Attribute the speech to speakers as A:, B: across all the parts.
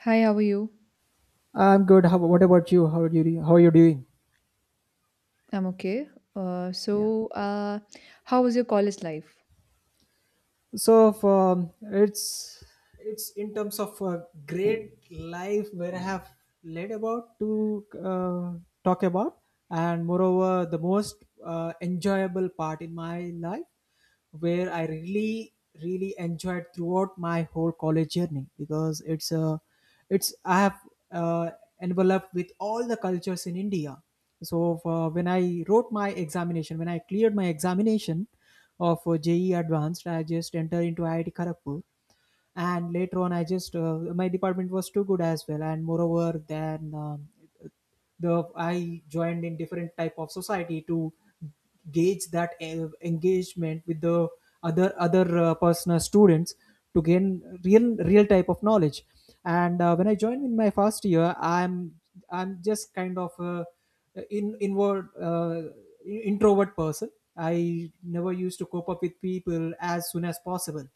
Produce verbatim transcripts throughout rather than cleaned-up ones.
A: Hi, how are you?
B: I'm good. How, what about you? How are you? How are you doing?
A: I'm okay. Uh,
B: Yeah.
A: so, uh, how was your college life?
B: So um, it's it's in terms of a great life where I have led about to uh, talk about, and moreover, the most uh, enjoyable part in my life where I really really enjoyed throughout my whole college journey because it's a it's I have uh, enveloped with all the cultures in India. So uh, when I wrote my examination, when I cleared my examination of uh, J E Advanced, I just entered into I I T Kharagpur, and later on I just, uh, my department was too good as well. And moreover then, um, the I joined in different type of society to gauge that uh, engagement with the other other uh, personal students, to gain real real type of knowledge. And uh, when I joined in my first year, i'm i'm just kind of a in inward uh, introvert person. I never used to cope up with people as soon as possible,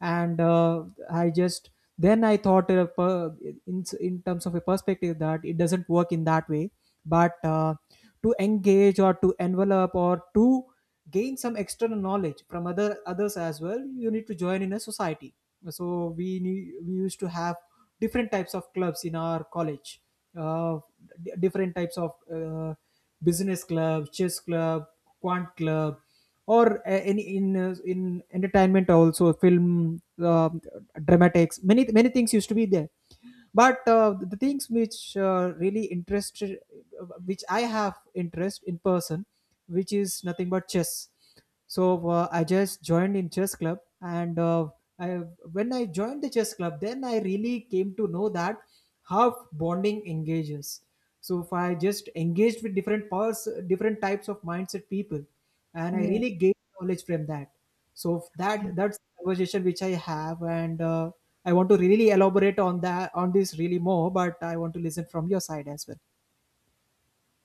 B: and uh, I just, then I thought, uh, per, in in terms of a perspective, that it doesn't work in that way. But uh, to engage or to envelop or to gain some external knowledge from other others as well, you need to join in a society. So we need, we used to have different types of clubs in our college. uh, d- Different types of uh, business club, chess club, quant club, or uh, any in uh, in entertainment, also film, uh, dramatics, many many things used to be there. But uh, the things which uh, really interested, which I have interest in person, which is nothing but chess. So uh, I just joined in chess club, and uh, I, when I joined the chess club, then I really came to know that how bonding engages. So if I just engaged with different powers, different types of mindset people, and I
A: Yeah,
B: really gained knowledge from that. So if
A: yeah.
B: that that's the conversation which I have, and uh, I want to really elaborate on that on this really more, but I want to listen from your side as well.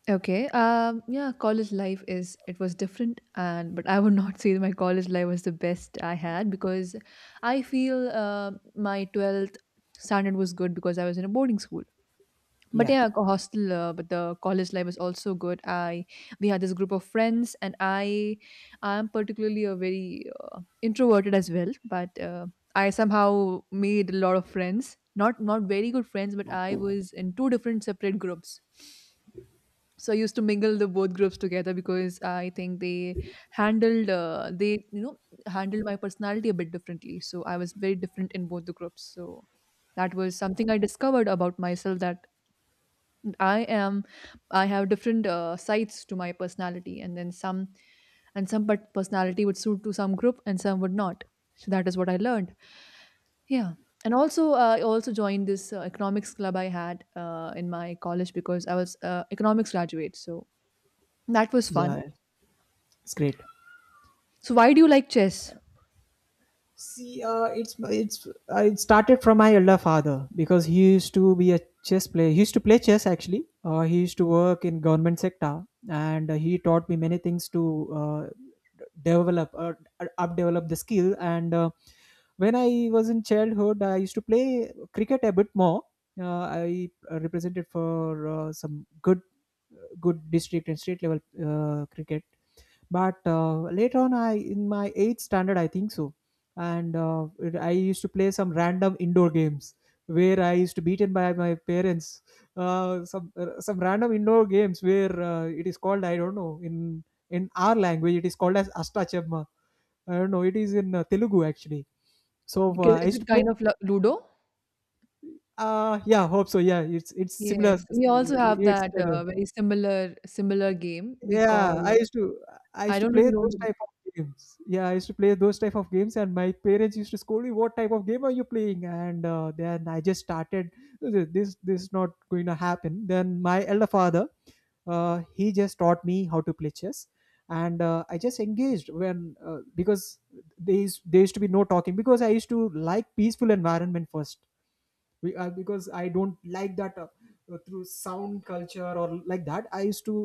A: Okay. Um, yeah, college life is it was different, and but I would not say that my college life was the best I had because I feel uh, my twelfth standard was good because I was in a boarding school. But
B: Yeah.
A: yeah, a hostel. Uh, but the college life was also good. I we had this group of friends, and I I'm particularly a very introverted as well, but uh, I somehow made a lot of friends. Not not very good friends, but I was in two different separate groups. So I used to mingle the both groups together because I think they handled uh, they you know handled my personality a bit differently. So I was very different in both the groups. So that was something I discovered about myself that I am I have different uh, sides to my personality and then some and some but personality would suit to some group and some would not. So that is what I learned. Yeah. And also, uh, I also joined this uh, economics club I had uh, in my college because I was uh, economics graduate. So that was fun.
B: Yeah, it's great.
A: So why do you like chess?
B: See, uh, it's it's uh, it started from my elder father because he used to be a chess player. He used to play chess actually. Uh, he used to work in government sector, and uh, he taught me many things to uh, develop uh, up develop the skill. And uh, when I was in childhood, I used to play cricket a bit more. Uh, I uh, represented for uh, some good good district and state level uh, cricket, but uh, later on, I in my eighth standard, I think so. And uh, it- I used to play some random indoor games where I used to beaten by my parents. Uh, some uh, some random indoor games where, uh, it is called, I don't know, in in our language it is called as astachemma. I don't know, it is in uh, Telugu actually. So uh,
A: Because
B: I
A: Is
B: used
A: it
B: to play.
A: kind of lu- Ludo?
B: Uh yeah, hope so. Yeah, it's it's similar.
A: Yes, we also have
B: It's,
A: that uh, very similar similar game. We call
B: yeah, I
A: it.
B: used to I
A: I
B: used to
A: don't
B: play
A: really
B: those
A: know.
B: type of games. Yeah, I used to play those type of games, and my parents used to scold me, "What type of game are you playing?" And uh, then I just started, "This this is not going to happen." Then my elder father, uh, he just taught me how to play chess, and uh, I just engaged, when uh, because there is there used to be no talking, because I used to like peaceful environment first. Be- uh, because I don't like that, uh, uh, through sound culture or like that. I used to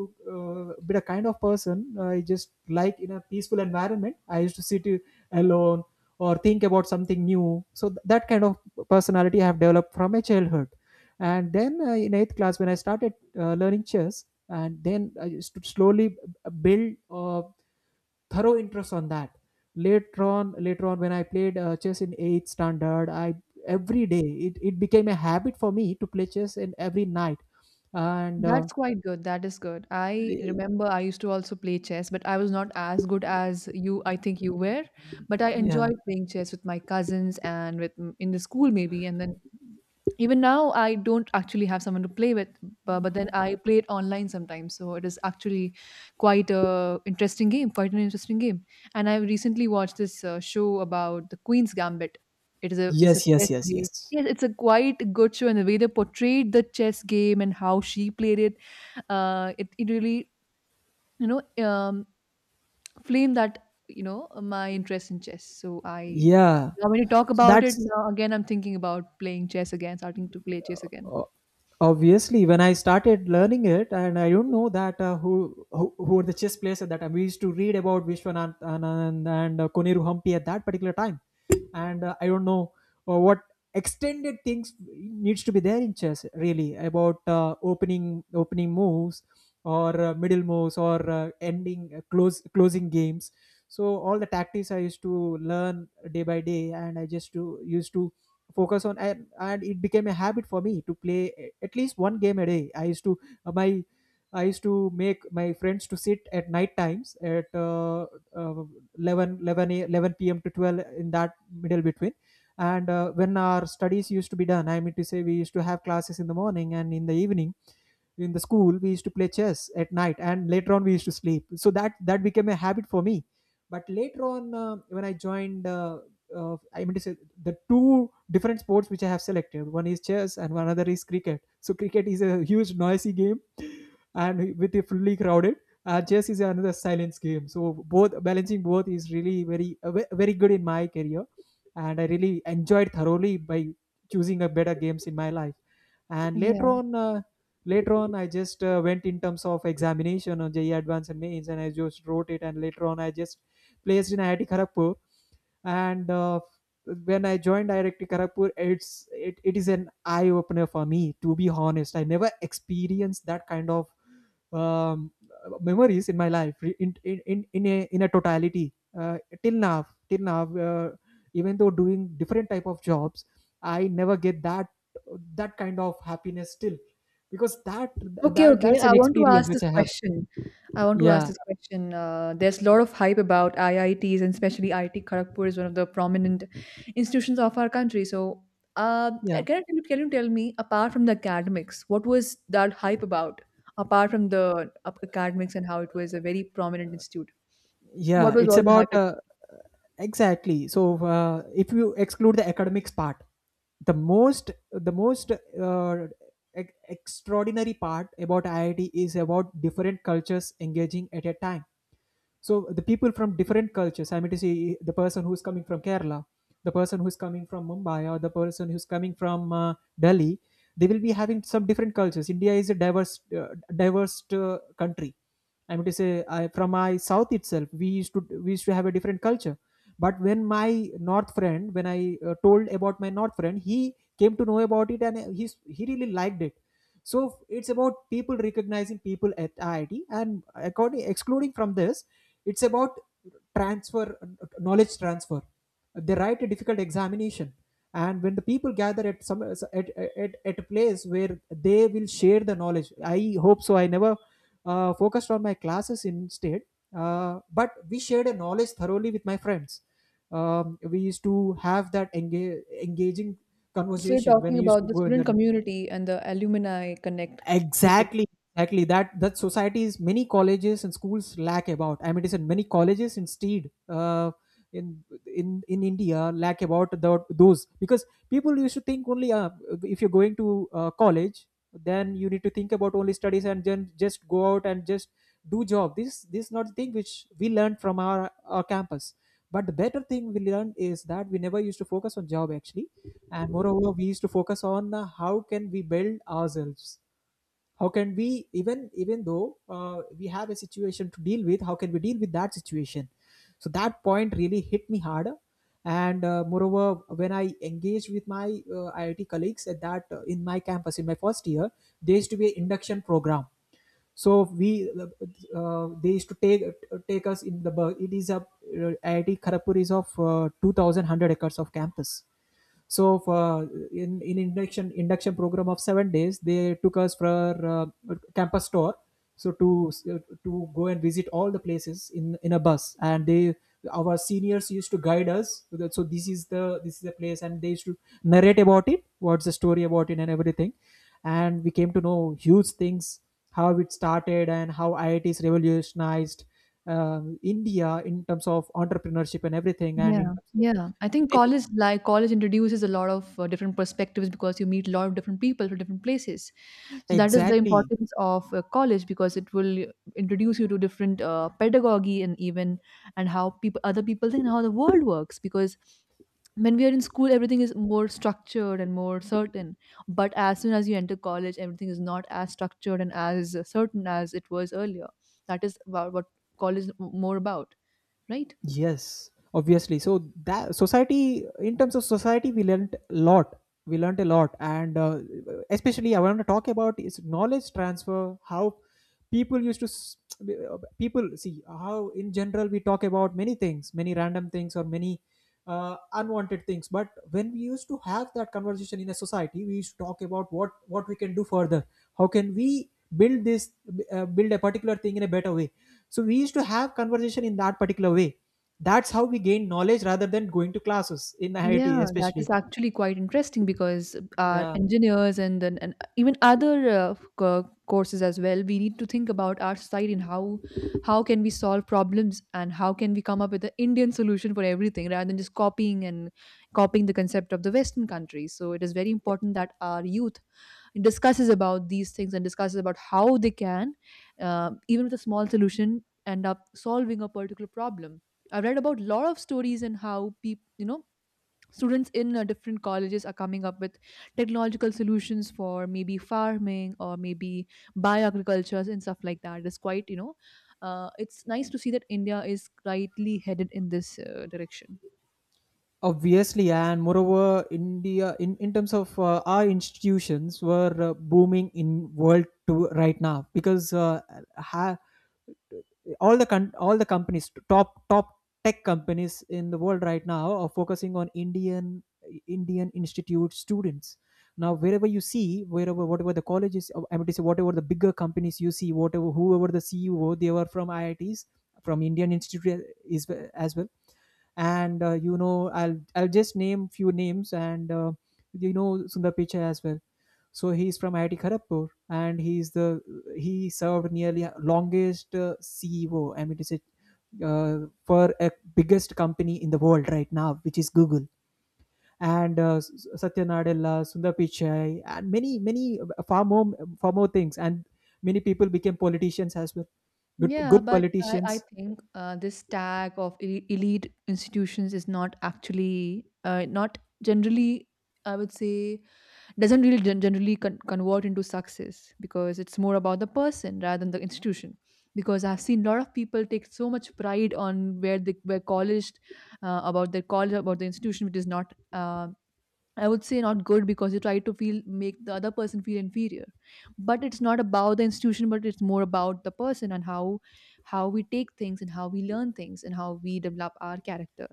B: uh, be a kind of person. uh, I just like in a peaceful environment. I used to sit uh, alone or think about something new. So th- that kind of personality I have developed from my childhood. And then uh, in eighth class, when I started uh, learning chess, and then I used to slowly b- build uh, thorough interest on that. Later on, later on, when I played uh, chess in eighth standard, I every day, it, it became a habit for me to play chess in every night, and uh,
A: That's quite good. That is good. I remember I used to also play chess, but I was not as good as you, I think you were. But I
B: yeah.
A: enjoyed playing chess with my cousins and with mm, in the school maybe. And then even now, I don't actually have someone to play with, but, but then I play it online sometimes. So it is actually quite a interesting game, quite an interesting game. And I recently watched this uh, show about the Queen's Gambit. It is a it's a
B: Yes, yes,
A: chess
B: yes,
A: game.
B: yes.
A: Yes, it's a quite good show, and the way they portrayed the chess game and how she played it uh, it, it really you know um, flamed that you know my interest in chess so I
B: Yeah.
A: now when you talk
B: So
A: about it
B: that's,
A: now again I'm thinking about playing chess again starting to play chess again.
B: obviously, when I started learning it, and I don't know that, uh, who, who who were the chess players at that time. We used to read about Vishwanath Anand and uh, Koniru Hampi at that particular time, and uh, I don't know uh, what extended things needs to be there in chess, really about uh, opening opening moves, or uh, middle moves, or uh, ending uh, close closing games. So all the tactics I used to learn day by day, and I just to, used to focus on. I And it became a habit for me to play, a- at least one game a day. i used to uh, my I used to make my friends to sit at night times at uh, uh, 11 eleven, a- eleven p m to twelve in that middle between. And uh, when our studies used to be done, I mean to say, we used to have classes in the morning and in the evening, in the school we used to play chess at night, and later on we used to sleep. So that that became a habit for me. But later on uh, when I joined, uh, uh, I mean to say, the two different sports which I have selected. One is chess and one other is cricket. So cricket is a huge noisy game, and with a fully crowded. And chess is another silence game. So both, balancing both is really very uh, ve- very good in my career, and I really enjoyed thoroughly by choosing a better games in my life. And later
A: Yeah.
B: on, uh, later on, I just uh, went in terms of examination on J E E Advanced and Mains, and I just wrote it. And later on, I just placed in I I T Kharagpur, and uh, when I joined I I T Kharagpur, it's it, it is an eye opener for me, to be honest. I never experienced that kind of um, memories in my life, re- in in in, in a in a totality, uh, till now till now, uh, even though doing different type of jobs, I never get that that kind of happiness still, because that
A: Okay,
B: that
A: okay.
B: that's
A: I
B: an
A: want to
B: experience
A: ask this
B: which I have.
A: question. I want to ask
B: Yeah.
A: this question. Uh, there's a lot of hype about I I Ts, and especially I I T Kharagpur is one of the prominent institutions of our country. So, uh, can I
B: Yeah.
A: tell you, can you tell me, apart from the academics, what was that hype about? Apart from the uh, academics and how it was a very prominent institute, what
B: Yeah,
A: was
B: it's
A: all the hype
B: about
A: about?
B: uh, exactly. So uh, if you exclude the academics part, the most the most uh, ex- extraordinary part about IIT is about different cultures engaging at a time. So the people from different cultures, I mean to say, the person who's coming from Kerala, the person who's coming from Mumbai, or the person who's coming from uh, Delhi, they will be having some different cultures. India is a diverse uh, diverse uh, country. I mean to say, I, from my south itself, we used to we used to have a different culture, but when my north friend, when I uh, told about my north friend, he came to know about it, and he he really liked it. So it's about people recognizing people at I I T, and according excluding from this, it's about transfer knowledge transfer. They write a difficult examination, and when the people gather, at some at at, at a place where they will share the knowledge. I hope so. I never uh, focused on my classes instead, uh, but we shared a knowledge thoroughly with my friends. Um, we used to have that enga- engaging
A: So, you're
B: conversation when
A: talking
B: I used to
A: about the
B: go in
A: student
B: that.
A: community and the alumni connect, is it?
B: Exactly, exactly. That that societies, many colleges and schools lack about. I mean, it is in many colleges instead, uh, in in in India lack about the, those, because people used to think only, uh, if you're going to uh, college, then you need to think about only studies, and then just go out and just do job. This this is not the thing which we learned from our our campus. But the better thing we learned is that we never used to focus on job actually, and moreover, we used to focus on uh, how can we build ourselves, how can we, even even though uh, we have a situation to deal with, how can we deal with that situation. So that point really hit me hard, and uh, moreover, when I engaged with my uh, IIT colleagues at that uh, in my campus in my first year, there used to be an induction program. So we uh, they used to take take us in the bus. It is a uh, I I T Kharagpur is of uh, two thousand one hundred acres of campus. So for uh, in in induction induction program of seven days, they took us for uh, campus tour. So to uh, to go and visit all the places in in a bus, and they our seniors used to guide us. So that- so this is the this is the place, and they used to narrate about it, what's the story about it, and everything. And we came to know huge things, how it started, and how I I Ts revolutionized um India in terms of entrepreneurship and everything, and in
A: Yeah,
B: terms of
A: yeah. I think
B: many-
A: college like college introduces a lot of uh, different perspectives because you meet a lot of different people from different places. So that is the
B: Exactly.
A: importance of uh, college because it will introduce you to different uh, pedagogy and even and how people other people think and how the world works because when we are in school everything is more structured and more certain, but as soon as you enter college everything is not as structured and as certain as it was earlier. That is about what college is more about, right?
B: Yes, obviously. So that society, in terms of society, we learnt a lot. We learnt a lot, and uh, especially I want to talk about is knowledge transfer. How people used to s- uh, people see how in general we talk about many things, many random things, or many uh, unwanted things, but when we used to have that conversation in a society, we used to talk about what what we can do further, how can we build this uh, build a particular thing in a better way. So we used to have conversation in that particular way. That's how we gain knowledge rather than going to classes in I I T
A: Yeah, that is
B: especially.
A: actually quite interesting because our
B: Yeah,
A: engineers and then and even other uh, co- courses as well, we need to think about our society and how how can we solve problems and how can we come up with an Indian solution for everything rather than just copying and copying the concept of the Western countries. So it is very important that our youth discusses about these things and discusses about how they can, uh, even with a small solution, end up solving a particular problem. I've read about a lot of stories and how people, you know, students in uh, different colleges are coming up with technological solutions for maybe farming or maybe bioagricultures and stuff like that. It's quite, you know, uh, it's nice to see that India is rightly headed in this uh, direction.
B: obviously. And moreover, India in, in terms of uh, our institutions were uh, booming in world to right now, because uh, ha- all the con- all the companies, top top tech companies in the world right now are focusing on indian indian institute students. Now wherever you see, wherever, whatever the colleges, uh, I mean to say, whatever the bigger companies you see, whatever, whoever the CEO, they were from IITs, from Indian institute, uh, is uh, as well. And uh, you know i'll i'll just name few names, and uh, you know Sundar Pichai as well. So he's from I I T Kharagpur, and he's the he served nearly longest uh, C E O. I mean, it's a uh, for a biggest company in the world right now, which is Google. And uh, S- S- Satya Nadella, Sundar Pichai, and many, many uh, far more, far more things. And many people became politicians as well. Good,
A: Yeah,
B: good
A: but I, I
B: politicians.
A: think uh, this tag of el- elite institutions is not actually, uh, not generally, I would say, doesn't really gen- generally con- convert into success because it's more about the person rather than the institution. Because I've seen a lot of people take so much pride on where they were college, uh, about their college, about the institution, which is not uh, I would say not good because you try to feel make the other person feel inferior. But it's not about the institution, but it's more about the person and how how we take things and how we learn things and how we develop our character.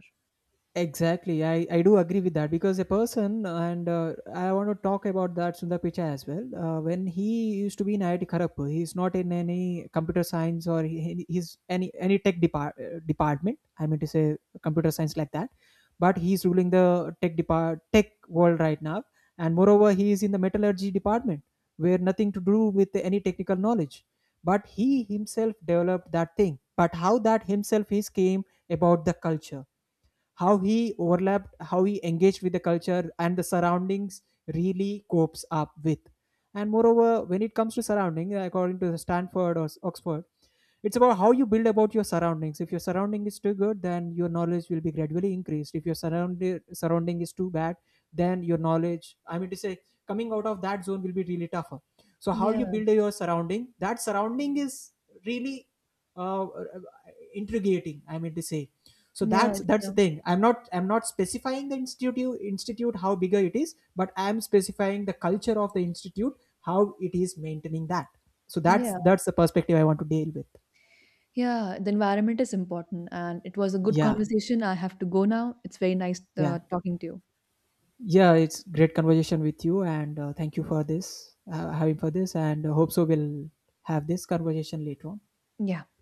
B: Exactly, I, I do agree with that, because a person, and uh, I want to talk about that Sundar Pichai as well. Uh, when he used to be in I I T Kharagpur, he's not in any computer science, or he, he's any any tech depart, uh, department. I mean to say computer science like that, but he's ruling the tech depart tech world right now. And moreover, he is in the metallurgy department, where nothing to do with any technical knowledge, but he himself developed that thing. But how that himself is came about the culture, how he overlapped, how he engaged with the culture and the surroundings, really copes up with. And moreover, when it comes to surrounding, according to Stanford or s- Oxford, it's about how you build about your surroundings. If your surrounding is too good, then your knowledge will be gradually increased. If your surrounding surrounding is too bad, then your knowledge, I mean to say, coming out of that zone will be really tougher. So how you
A: Yeah,
B: build your surrounding, that surrounding is really uh, intriguing, I mean to say. So
A: yeah,
B: that's
A: it's,
B: that's the
A: um,
B: thing. i'm not I'm not specifying the institute institute, how bigger it is, but I'm specifying the culture of the institute, how it is maintaining that. So that's
A: yeah,
B: that's the perspective I want to deal with.
A: yeah. The environment is important, and it was a good
B: Yeah,
A: conversation. I have to go now. It's very nice
B: yeah,
A: uh, talking to you.
B: yeah, it's great conversation with you, and uh, thank you for this, uh, having for this, and uh, hope so we'll have this conversation later on.
A: Yeah.